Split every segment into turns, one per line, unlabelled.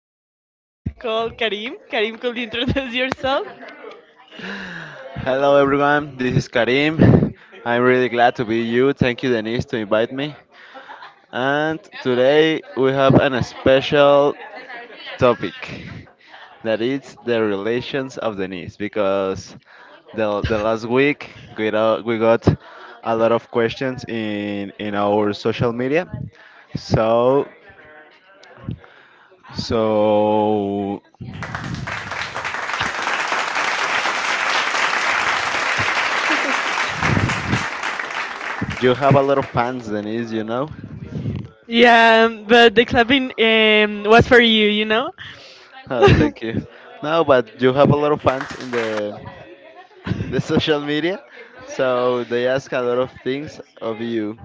special guest called Karim. Karim, could you introduce yourself?
Hello everyone, this is Karim. I'm really glad to be you. Thank you Denise to invite me. And today we have an special topic that is the relations of Denise because the last week we got a lot of questions in our social media. So so you have a lot of fans Denise, you know?
Yeah, but the clapping was for you, you know?
Oh, thank you. No, but you have a lot of fans in the social media, so they ask a lot of things of you.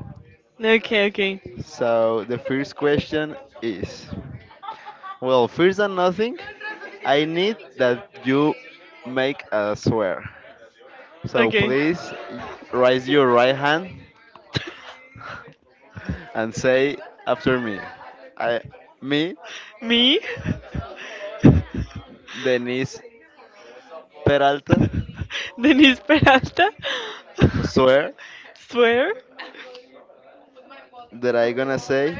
Okay, okay.
So the first question is, well, first than nothing, I need that you make a swear. So
Okay.
please raise your right hand and say after me. I, me,
Me,
Denise Peralta,
Denise Peralta,
swear
swear
that I gonna say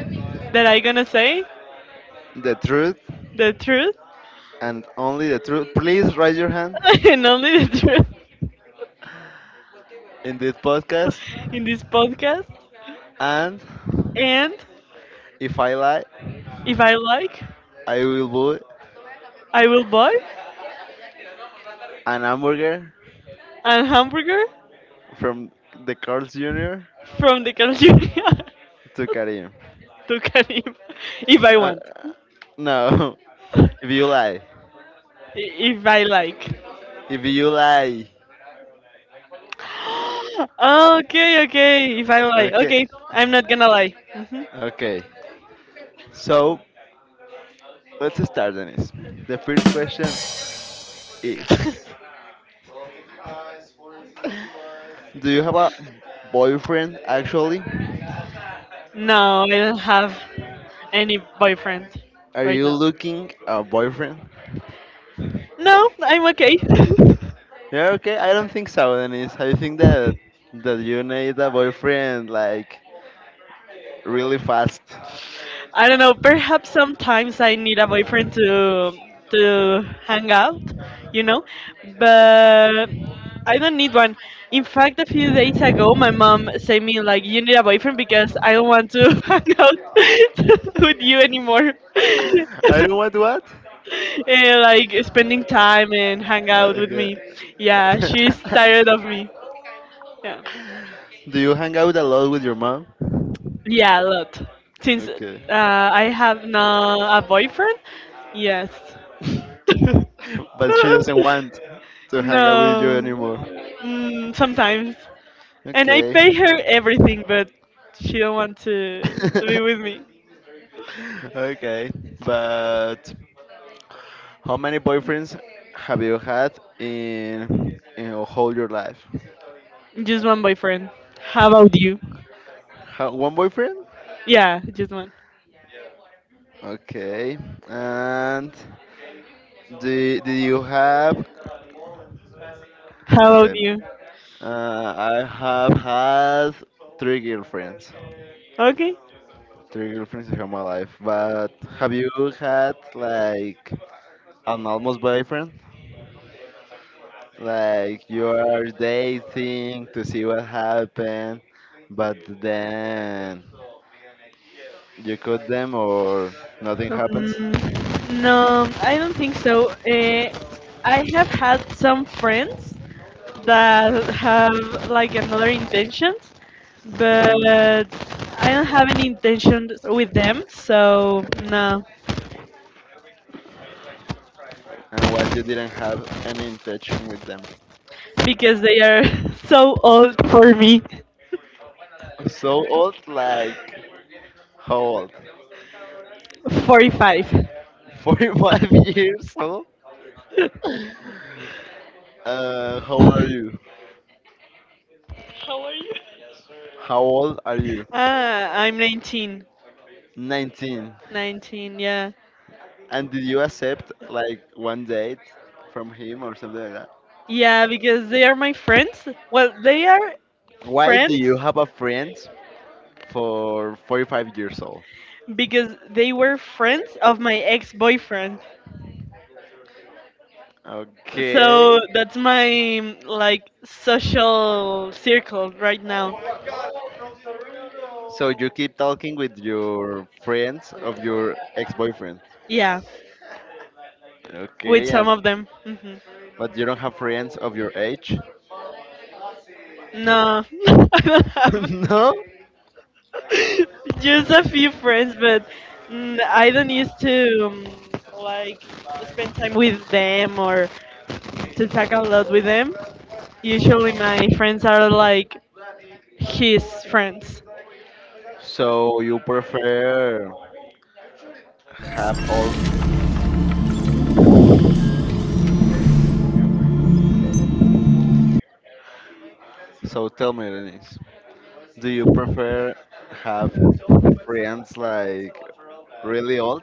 that I gonna say
the truth
the truth
and only the truth. Please raise your hand
and only the truth
in this podcast.
in this podcast.
And
And
if I lie,
if I like,
I will put
I will buy.
an hamburger
And hamburger
from the Carl's Jr.
from the cafeteria
to Karim.
to Karim if I
Uh,
want,
no, if you lie,
if I like.
if you lie,
Okay, okay, if I lie.
okay,
Okay, I'm not gonna lie. Mhm.
okay. So let's start, Dennis. The first question is: Do you have a boyfriend actually?
No, I don't have any boyfriend
Are
right
you
now.
looking a boyfriend?
No, I'm okay.
Yeah, okay. I don't think so, Denise. I think that you need a boyfriend like really fast.
I don't know. Perhaps sometimes I need a boyfriend to hang out, you know, but I don't need one. In fact, a few days ago, my mom said me like, "You need a boyfriend because I don't want to hang out with you anymore."
I don't want what?
And like spending time and hang out with me.
Okay.
Yeah, she's tired of me. Yeah.
Do you hang out a lot with your mom?
Yeah, a lot. Since
Okay.
I have now a boyfriend, yes.
But she doesn't want to hang out with you
No.
anymore.
Mm, sometimes. And I
Okay.
pay her everything, but she don't want to be with me.
Okay, but how many boyfriends have you had in your whole your life?
Just one boyfriend. How about you?
How, one boyfriend?
Yeah, just one.
Okay, and do you have?
How about
Okay,
you?
I have had three girlfriends.
Okay.
Three girlfriends in my life, but have you had like an almost boyfriend? Like you are dating to see what happened, but then you cut them or nothing happens.
Um, no, I don't think so. I have had some friends that have like another intentions, but
Hmm.
I don't have any intention with them, so no.
And what you didn't have any intention with them.
Because they are so old for me.
So old, like how old?
45.
45 years old? How old are you? How old are you?
Ah, I'm 19.
19.
19, yeah.
And did you accept like one date from him or something like
Yeah, because they are my friends. Well, they are
Why do
friends
you have a friend for 45 years old?
because they were friends of my ex-boyfriend.
Okay.
So that's my like social circle right now.
So you keep talking with your friends of your ex-boyfriend.
Yeah,
Okay,
with
yeah.
some of them. Hmm.
But you don't have friends of your age?
No, I don't have.
No?
Just a few friends, but I don't used to like spend time with them or to talk a lot with them. Usually, my friends are like his friends.
So you prefer have all so tell me Denise, do you prefer have friends like really old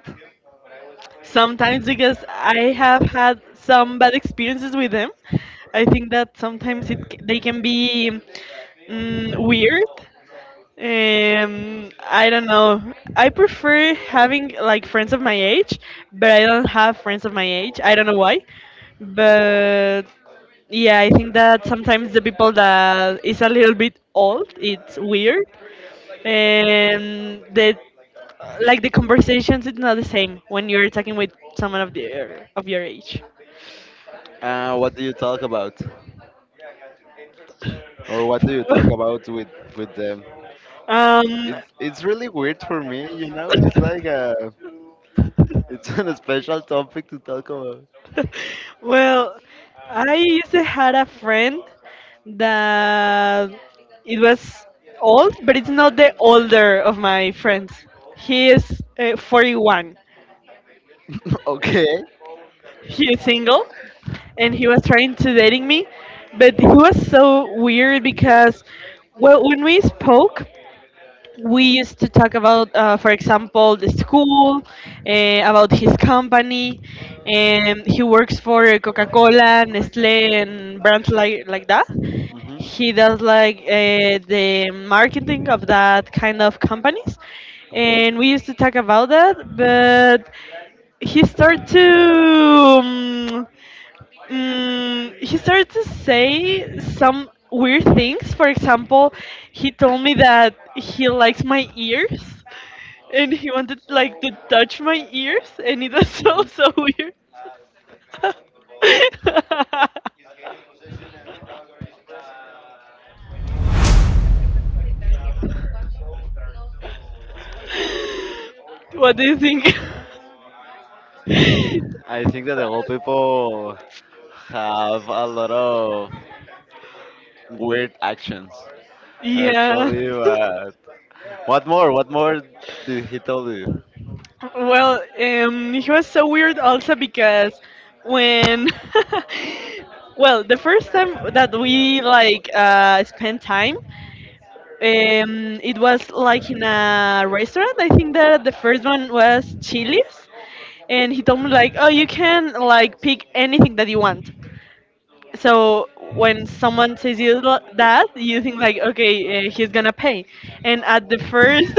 Sometimes because I have had some bad experiences with them. I think that sometimes they can be weird. I don't know. I prefer having like friends of my age, but I don't have friends of my age. I don't know why, but yeah, I think that sometimes the people that is a little bit old, it's weird, and they like the conversations it's not the same when you're talking with someone of the of your age.
What do you talk about, or what do you talk about with them?
um,
It's really weird for me. It's like a it's an special topic to talk about.
well, I used to had a friend that it was old, but it's not the older of my friends. He is 41.
Okay.
He is single, and he was trying to dating me, but he was so weird because, well, when we spoke, we used to talk about, for example, the school, about his company, and he works for Coca-Cola, Nestle, and brands like that.
Hmm.
He does like the marketing of that kind of companies,
Hmm.
and we used to talk about that. But he started to. um, he started to say some weird things. For example, he told me that he likes my ears and he wanted like to touch my ears and it was so
Mhm.
so weird. What do you think?
I think that the old people have a lot of weird actions.
Yeah.
Actually, but what more? What more did he tell you?
Well, he was so weird also because when, well, the first time that we like spent time, it was like in a restaurant. I think that the first one was Chili's, and he told me like, "Oh, you can like pick anything that you want." So when someone says that, you think like, okay, he's gonna pay, and at the first,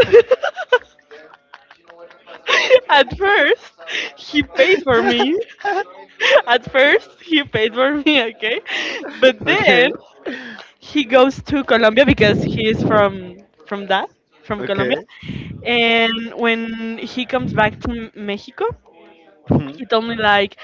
at first, he paid for me. At first, he paid for me, okay, but then
Okay,
he goes to Colombia because he is from that, from Colombia,
okay.
and when he comes back to Mexico, he
Mhm.
told me like,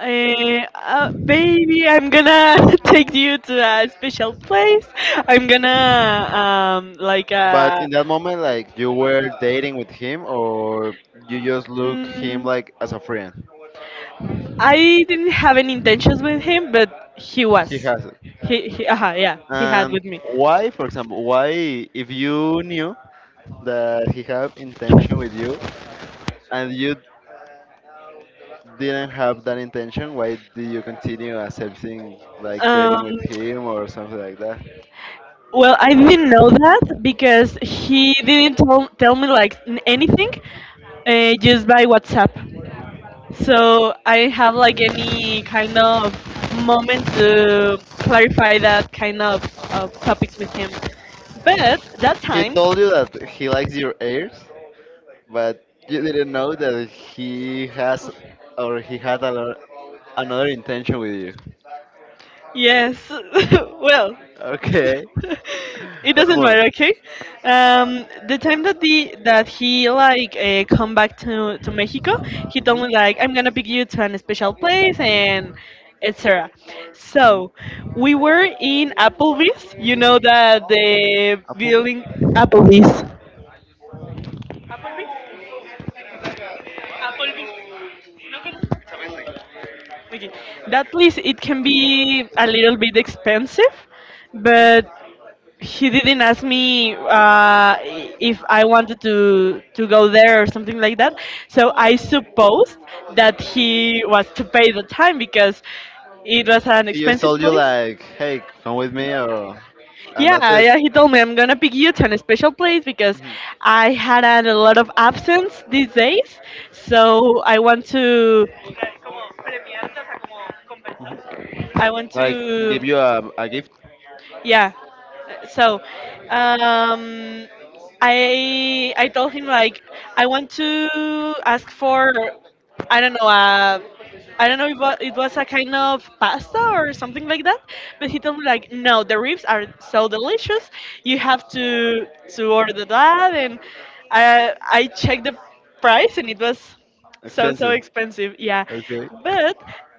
"Baby, I'm gonna take you to a special place. I'm gonna like
But in that moment, like you were dating with him, or you just look him
Mm,
like as a friend.
I didn't have any intentions with him, but he
He
was.
has it.
He, yeah, he had
And
with me.
why, for example, why if you knew that he have intention with you, and you didn't have that intention, why did you continue accepting like
Um,
dating with him or something like that?
well, I didn't know that because he didn't tell me like anything, just by WhatsApp. So I have like any kind of moment to clarify that kind of topics with him. But that
He
time,
told you that he likes your ears, but you didn't know that he has or he had another intention with you.
yes, well,
Okay.
it
One
doesn't
more.
matter, okay. The time that the that he like come back to Mexico, he told
Hmm.
me like, "I'm gonna pick you to a special place," and etc. So
Hmm.
we were in Applebee's, you know that the
A puppy?
building. Applebee's, okay. That place it can be a little bit expensive, but
Hmm.
he didn't ask me if I wanted to go there or something like that. So I supposed that he was to pay the time because it was an
He just
expensive
told you
place.
like, hey, come with me, or and that's
Yeah,
it.
yeah. He told me I'm gonna pick you to a special place because
Hmm.
I had had a lot of absence these days. So I want to I want
Like,
to
give you a gift,
yeah. So, um, I told him like I want to ask for I don't know uh, I don't know if wa- it was a kind of pasta or something like that, but he told me like no, the ribs are so delicious. You have to order that, and I checked the price and it was so so
expensive.
expensive, yeah.
Okay.
But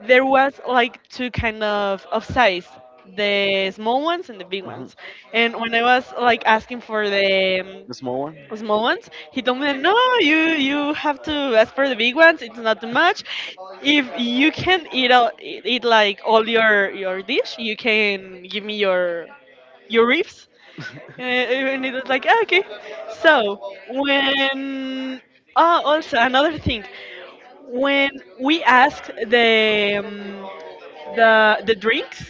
there was like two kind of size, the small ones and the big
Hmm.
ones, and when I was like asking for the
The small
small ones he told me no you have to ask for the big ones, it's not too much,
one.
if you can eat all, eat like all your dish you can give me your ribs, and it was like, "Ah, okay." So, when. Oh, also, another thing. When we asked the, the drinks,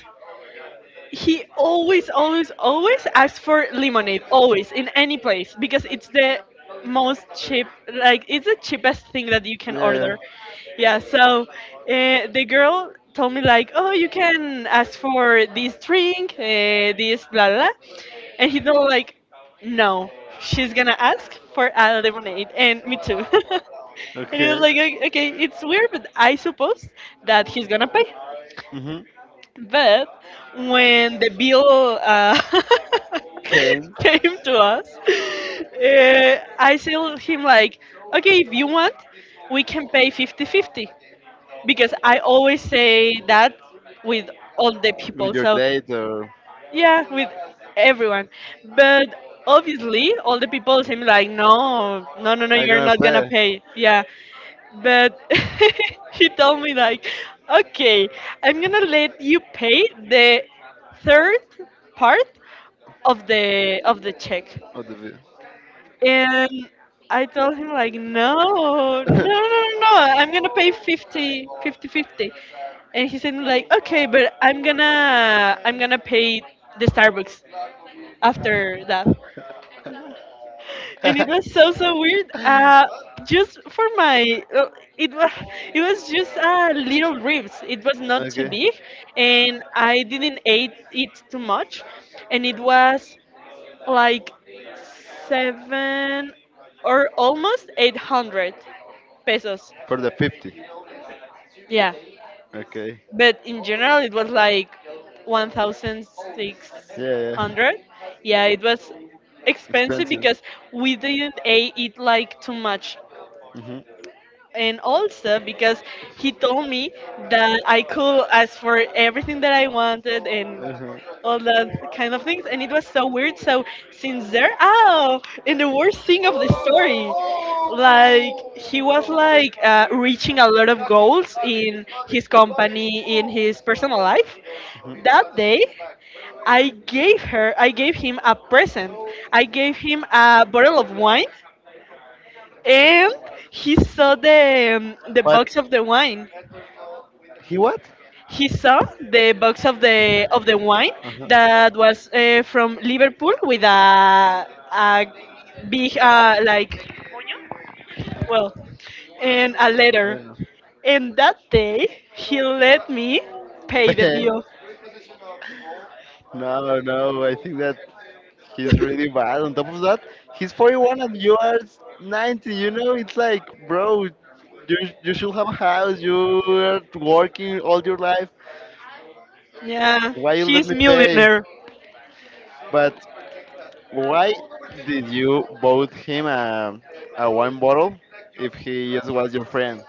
he always asks for lemonade, always in any place because it's the most cheap, like it's the cheapest thing that you can
Yeah, yeah.
order. Yeah. So the girl told me like, "Oh, you can ask for this drink, this blah blah, blah." And he told like, "No, she's gonna ask for a lemonade, and me too." And he was
Okay.
like, okay, okay, it's weird, but I suppose that he's gonna pay.
Mhm.
But when the bill
Came
came to us, I told him like, "Okay, if you want, we can pay 50-50," because I always say that with all the
with
people.
your
So
date or
yeah, with everyone. But obviously, all the people seem like, "No, no, no, no,
I
you're
gonna
not gonna
pay
pay. Yeah, but he told me like okay I'm gonna let you pay the third part of the check,
all the bill.
and I told him like no no no no no I'm gonna pay 50, 50, 50, and he said like okay but i'm gonna pay the Starbucks after that. And it was so so weird. Just for my, it was it was just little ribs. It was not too
Okay,
big, and I didn't eat it too much, and it was like seven or almost 800 pesos.
for the 50.
Yeah,
Okay,
but in general it was like one thousand six
yeah,
hundred.
yeah,
Yeah, it was expensive
expensive.
because we didn't eat like too much.
Hmm.
And also because he told me that I could ask for everything that I wanted and all that kind of things, and it was so weird. So since there, oh, and the worst thing of the story, like he was like reaching a lot of goals in his company, in his personal life.
Uh-huh.
That day, I gave him a present. I gave him a bottle of wine and he saw the
But
box of the wine.
he what?
He saw the box of the wine
Uh-huh.
that was from Liverpool with a a big like well and a
I
letter.
don't know.
And that day he let me pay the bill.
No, no, I think that he's really bad. On top of that, he's 41 and you are 90. You know, it's like, bro, you, you should have a house. You are working all your life.
Yeah,
Why you let
he's
me pay?
millionaire.
But why did you bought him a wine bottle if he just was your friend?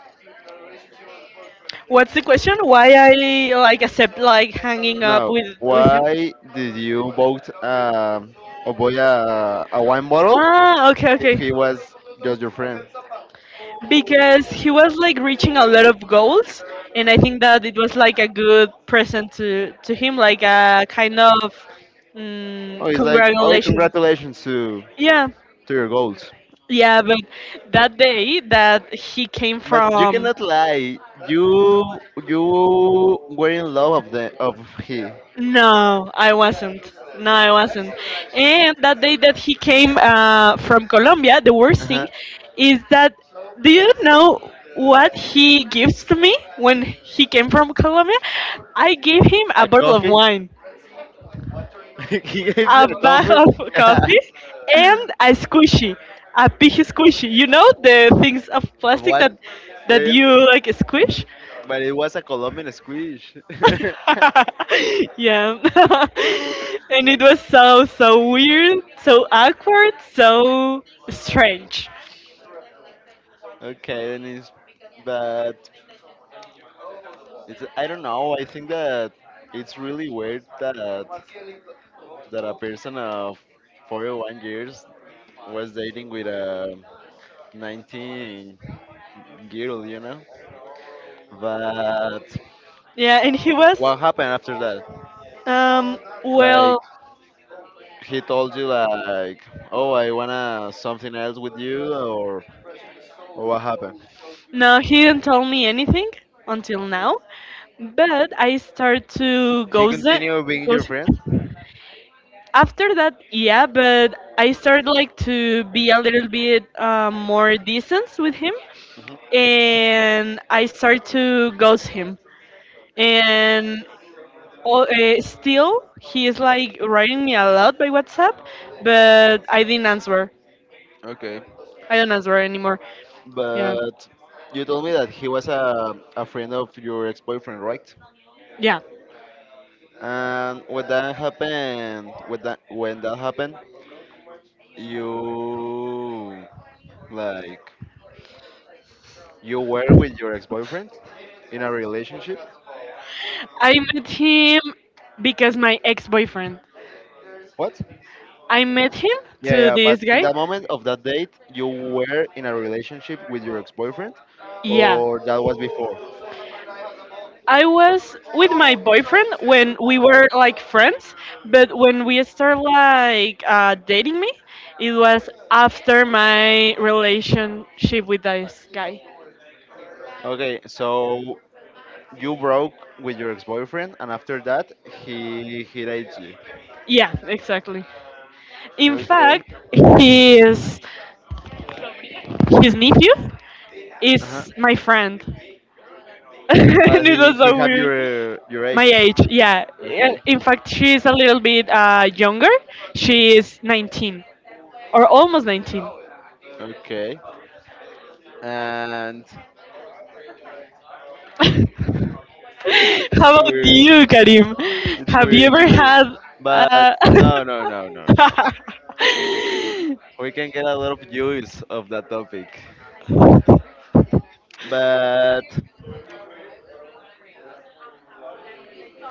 What's the question? Why I like accept like hanging up
Now,
with him?
why did you bought a wine bottle
Ah, okay,
if
okay.
he was just your friend?
Because he was like reaching a lot of goals and I think that it was like a good present to him, like a kind of
Oh, he's like, oh,
congratulation,
congratulations to
yeah.
to your goals.
Yeah, but that day that he came
But you
from
cannot lie. You you were in love of the of he.
No, I wasn't. No, I wasn't. And that day that he came from Colombia, the worst
Uh-huh.
thing is that do you know what he gives to me when he came from Colombia? I gave him a
A
bottle of
coffee?
wine,
He gives you
a
a
bag
coffee.
of coffee, and a squishy, a big squishy. You know the things of
Of
plastic that
what? Yeah, yeah.
you like squish.
But it was a Colombian squish.
Yeah. And it was so, so weird, so awkward, so strange.
Okay, then it's bad. It's I don't know. I think that it's really weird that a person of 41 years was dating with a 19 girl. But
Yeah, and he was,
what happened after that?
um,
Like
well,
he told you like, "Oh, I wanna something else with you," or what happened?
no, he didn't tell me anything until now, but I start to
He
ghost,
continued being your
ghost
friend?
after that, yeah, but I started like to be a little bit more decent with him,
Hmm.
and I started to ghost him, and all, still he is like writing me a lot by WhatsApp, but I didn't answer.
Okay.
I don't answer anymore. Yeah,
But you told me that he was a friend of your ex-boyfriend, right?
yeah.
And when that happened, when that happened, you like you were with your ex-boyfriend in a relationship.
I met him because my ex-boyfriend.
What?
I met him
Yeah,
to
yeah. But
this
in
guy.
that moment of that date, you were in a relationship with your ex-boyfriend,
Yeah.
or that was before?
I was with my boyfriend when we were like friends, but when we started like dating me, it was after my relationship with this guy.
Okay, so you broke with your ex-boyfriend, and after that, he dates you.
Yeah, exactly. In
Okay.
fact, his his nephew
Uh-huh.
is my friend, and it
He
was
he
so
have
weird.
your
My
age.
age, yeah.
Okay.
In fact, she is a little bit younger. She is 19 or almost 19.
Okay. And it's
How about
weird.
you, Karim?
It's
Have you
weird. It's
ever
weird.
had?
But
Uh...
no, no, no, no, no. We can get a lot of use of that topic. But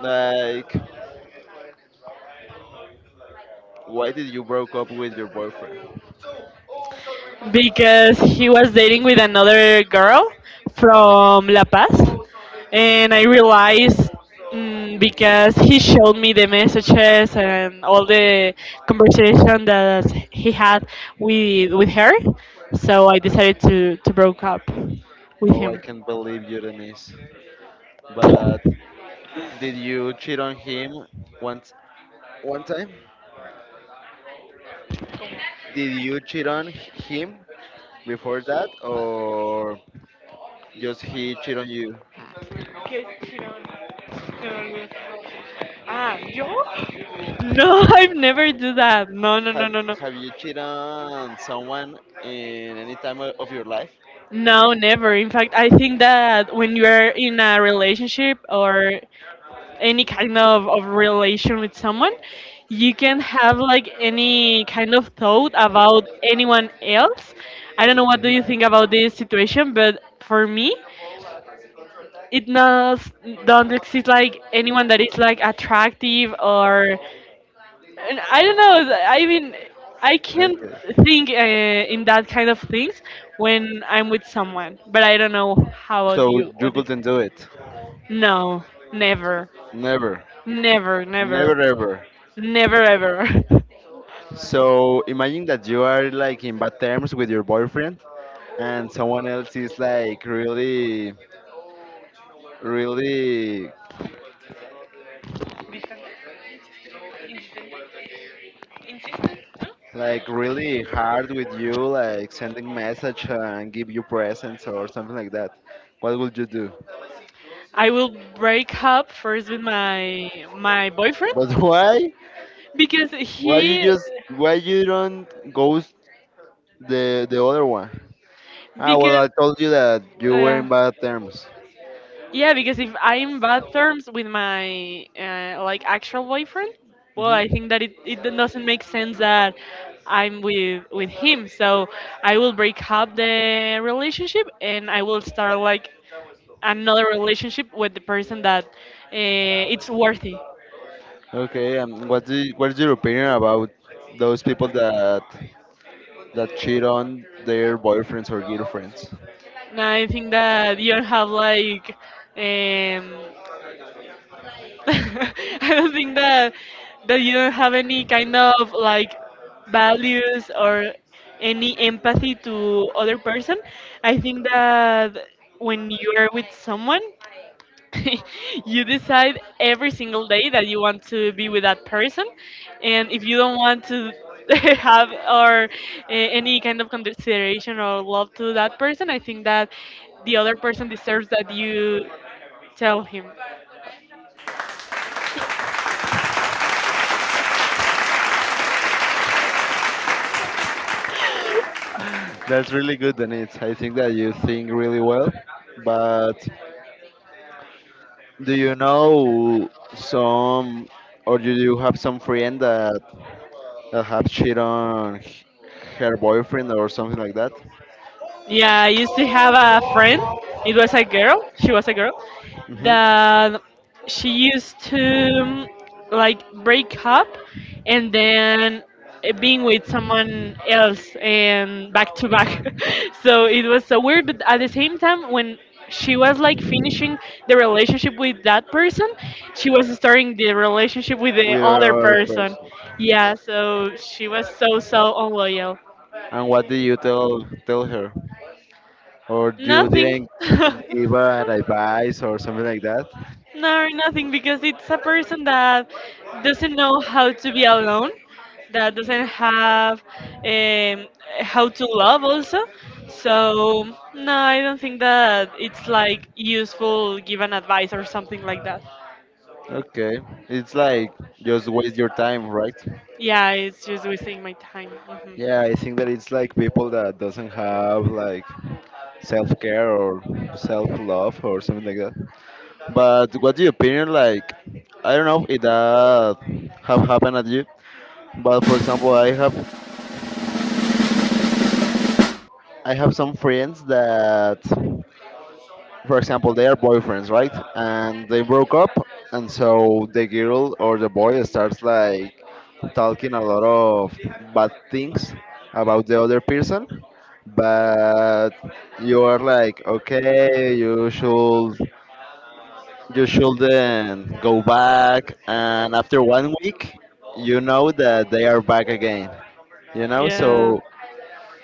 like, why did you broke up with your boyfriend?
because he was dating with another girl from La Paz, and I realized mm, because he showed me the messages and all the conversation that he had with her, so I decided to broke up with
Oh, I
him.
can't believe you, Denise. But did you cheat on him once one time? Did you cheat on him before that, or just he cheat on you?
No, I've never do that. No, no, no,
Have
no, no.
Have you cheated on someone in any time of your life?
No, never. In fact, I think that when you're in a relationship or any kind of relation with someone you can have like any kind of thought about anyone else. I don't know what do
Mhm.
you think about this situation, but for me it does don't exist like anyone that is like attractive or, and I don't know I mean I can't
Okay.
think in that kind of things when I'm with someone, but I don't know how about
So
you,
you
what do you-
couldn't do it.
no never
Never,
never never
never, ever.
Never ever.
So imagine that you are like in bad terms with your boyfriend, and someone else is like really, really like really hard with you, like sending message and give you presents or something like that, what would you do?
I will break up first with my boyfriend
But why?
because
Why you
he
just why you don't ghost the other one? Ah, well,
because
I told you that you were
uh,
in bad terms.
yeah, because if I'm bad terms with my like actual boyfriend, well
Hmm.
I think that it doesn't make sense that I'm with him. So I will break up the relationship and I will start like another relationship with the person that it's worthy.
Okay, and what is your opinion about those people that cheat on their boyfriends or girlfriends?
No, I think that you have like um I don't think that you don't have any kind of like values or any empathy to other person. I think that when you are with someone you decide every single day that you want to be with that person, and if you don't want to have or any kind of consideration or love to that person, I think that the other person deserves that you tell him.
That's really good, Denise. I think that you think really well. But do you know some, or do you have some friend that have cheated on her boyfriend or something like that?
Yeah, I used to have a friend. It was a girl. She was a girl
Hmm.
that she used to like break up and then being with someone else and back to back. So it was so weird, but at the same time, when she was like finishing the relationship with that person, she was starting the relationship with the
With
other
her
person.
person.
Yeah, so she was so so unloyal.
And what did you tell her? Or you
Nothing.
didn't give an advice or something like that?
No, nothing, because it's a person that doesn't know how to be alone, that doesn't have um, how to love also. So, no, I don't think that it's like useful give an advice or something like that.
Okay, it's like just waste your time, right?
Yeah, it's just wasting my time. Mhm.
Yeah, I think that it's like people that doesn't have like self-care or self-love or something like that. But what's your opinion like? I don't know if that have happened at you, but for example, I have some friends that for example, they are boyfriends, right? And they broke up, and so the girl or the boy starts like talking a lot of bad things about the other person, but you are like, okay, you shouldn't go back, and after one week, you know that they are back again. You know,
Yeah.
so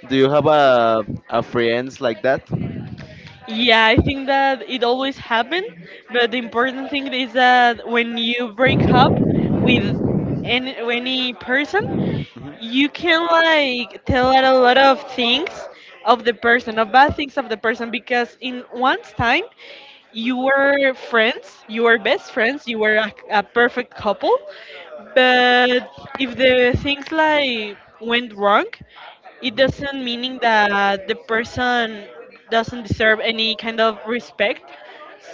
do you have a friends like that?
Yeah, I think that it always happens, but the important thing is that when you break up with any person,
Mhm.
you can like tell out a lot of things of the person, of bad things of the person, because in once time you were friends, you were best friends, you were a perfect couple, but if the things like went wrong, it
Hmm.
doesn't meaning that the person doesn't deserve any kind of respect.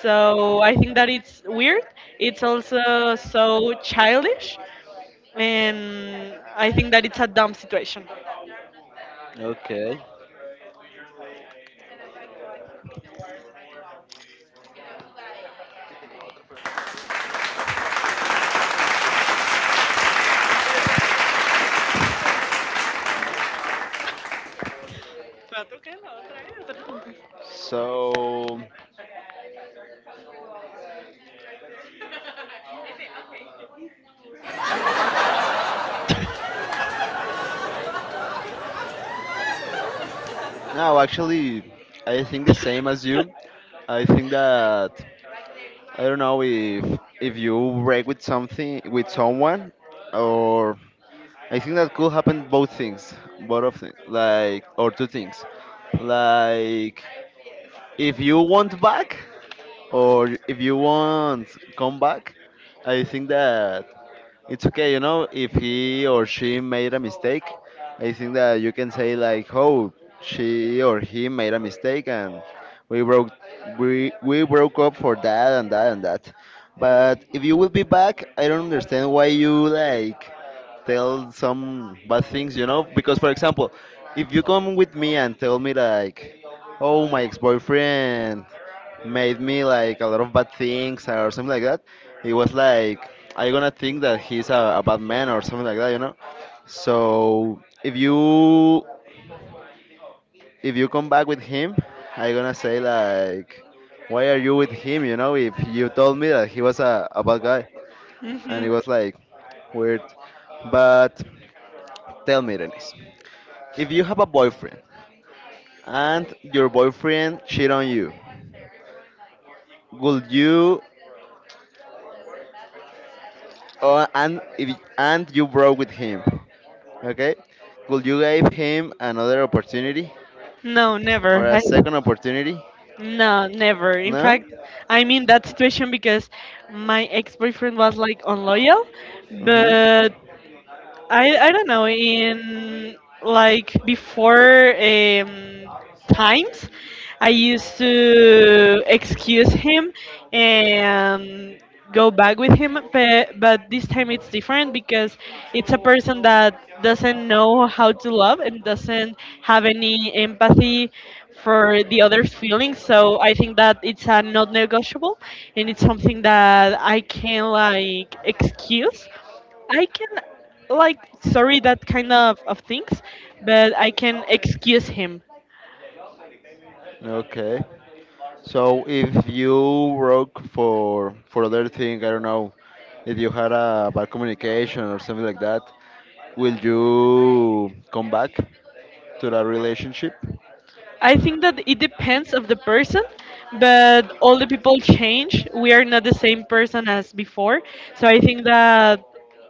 So I think that it's weird, it's also so childish, and I think that it's a dumb situation.
Okay. So no, actually, I think the same as you. I think that I don't know if you break with something with someone or I think that could happen both things, both of things, like or two things, like if you want back Or if you want comeback, I think that it's okay, if he or she made a mistake, I think that you can say like, oh, she or he made a mistake and we broke we broke up for that and that and that. But if you will be back, I don't understand why you like tell some bad things, you know? Because for example, if you come with me and tell me like, oh, my ex-boyfriend made me like a lot of bad things or something like that, he was like, "Are you gonna think that he's a bad man or something like that?" You know. So if you come back with him, I gonna say like, "Why are you with him?" If you told me that he was a bad guy, and
Hmm.
it was like weird. But tell me, Dennis, if you have a boyfriend and your boyfriend cheat on you, would you Oh, and if, and you broke with him. Okay, could you give him another opportunity
No,
or
never.
a
I,
second opportunity?
no, never. In
No.
fact, I'm in that situation because my ex boyfriend was like unloyal, but
Mm-hmm.
I don't know in like before times I used to excuse him and go back with him but, this time it's different because it's a person that doesn't know how to love and doesn't have any empathy for the other's feelings, so I think that it's a not negotiable, and it's something that I can like excuse, I can like sorry that kind of things, but I can excuse him.
Okay. So if you broke for other thing, I don't know, if you had a bad communication or something like that, will you come back to that relationship?
I think that it depends of the person, but all the people change. We are not the same person as before, so I think that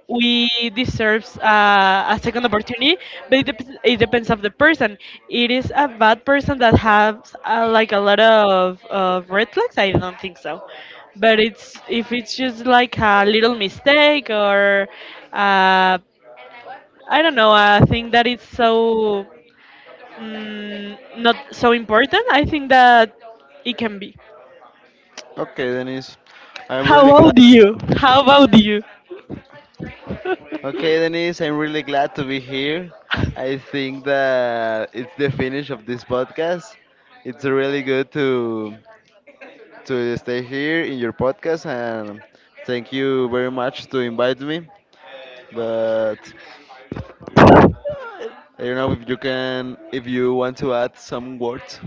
we deserves a second opportunity. But it, it depends of the person. It is a bad person that has like a lot of red flags. I don't think so. But it's if it's just like a little mistake or uh, I don't know, a thing that is so mm, not so important. I think that it can be.
Okay, Denise, I'm
How
really glad
about you? How about you?
Okay, Denise, I'm really glad to be here. I think that it's the finish of this podcast. It's really good to stay here in your podcast, and thank you very much to invite me. But I don't know if you want to add some words.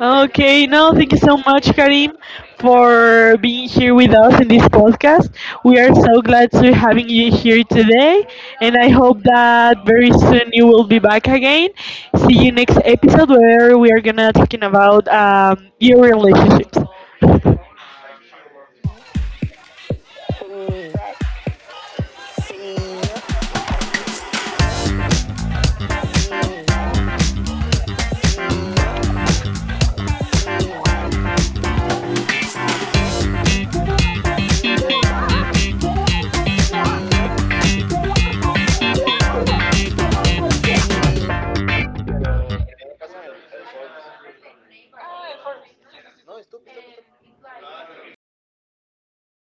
Okay, no, thank you so much, Karim, for being here with us in this podcast. We are so glad to having you here today, and I hope that very soon you will be back again. See you next episode where we are gonna talking about your relationships.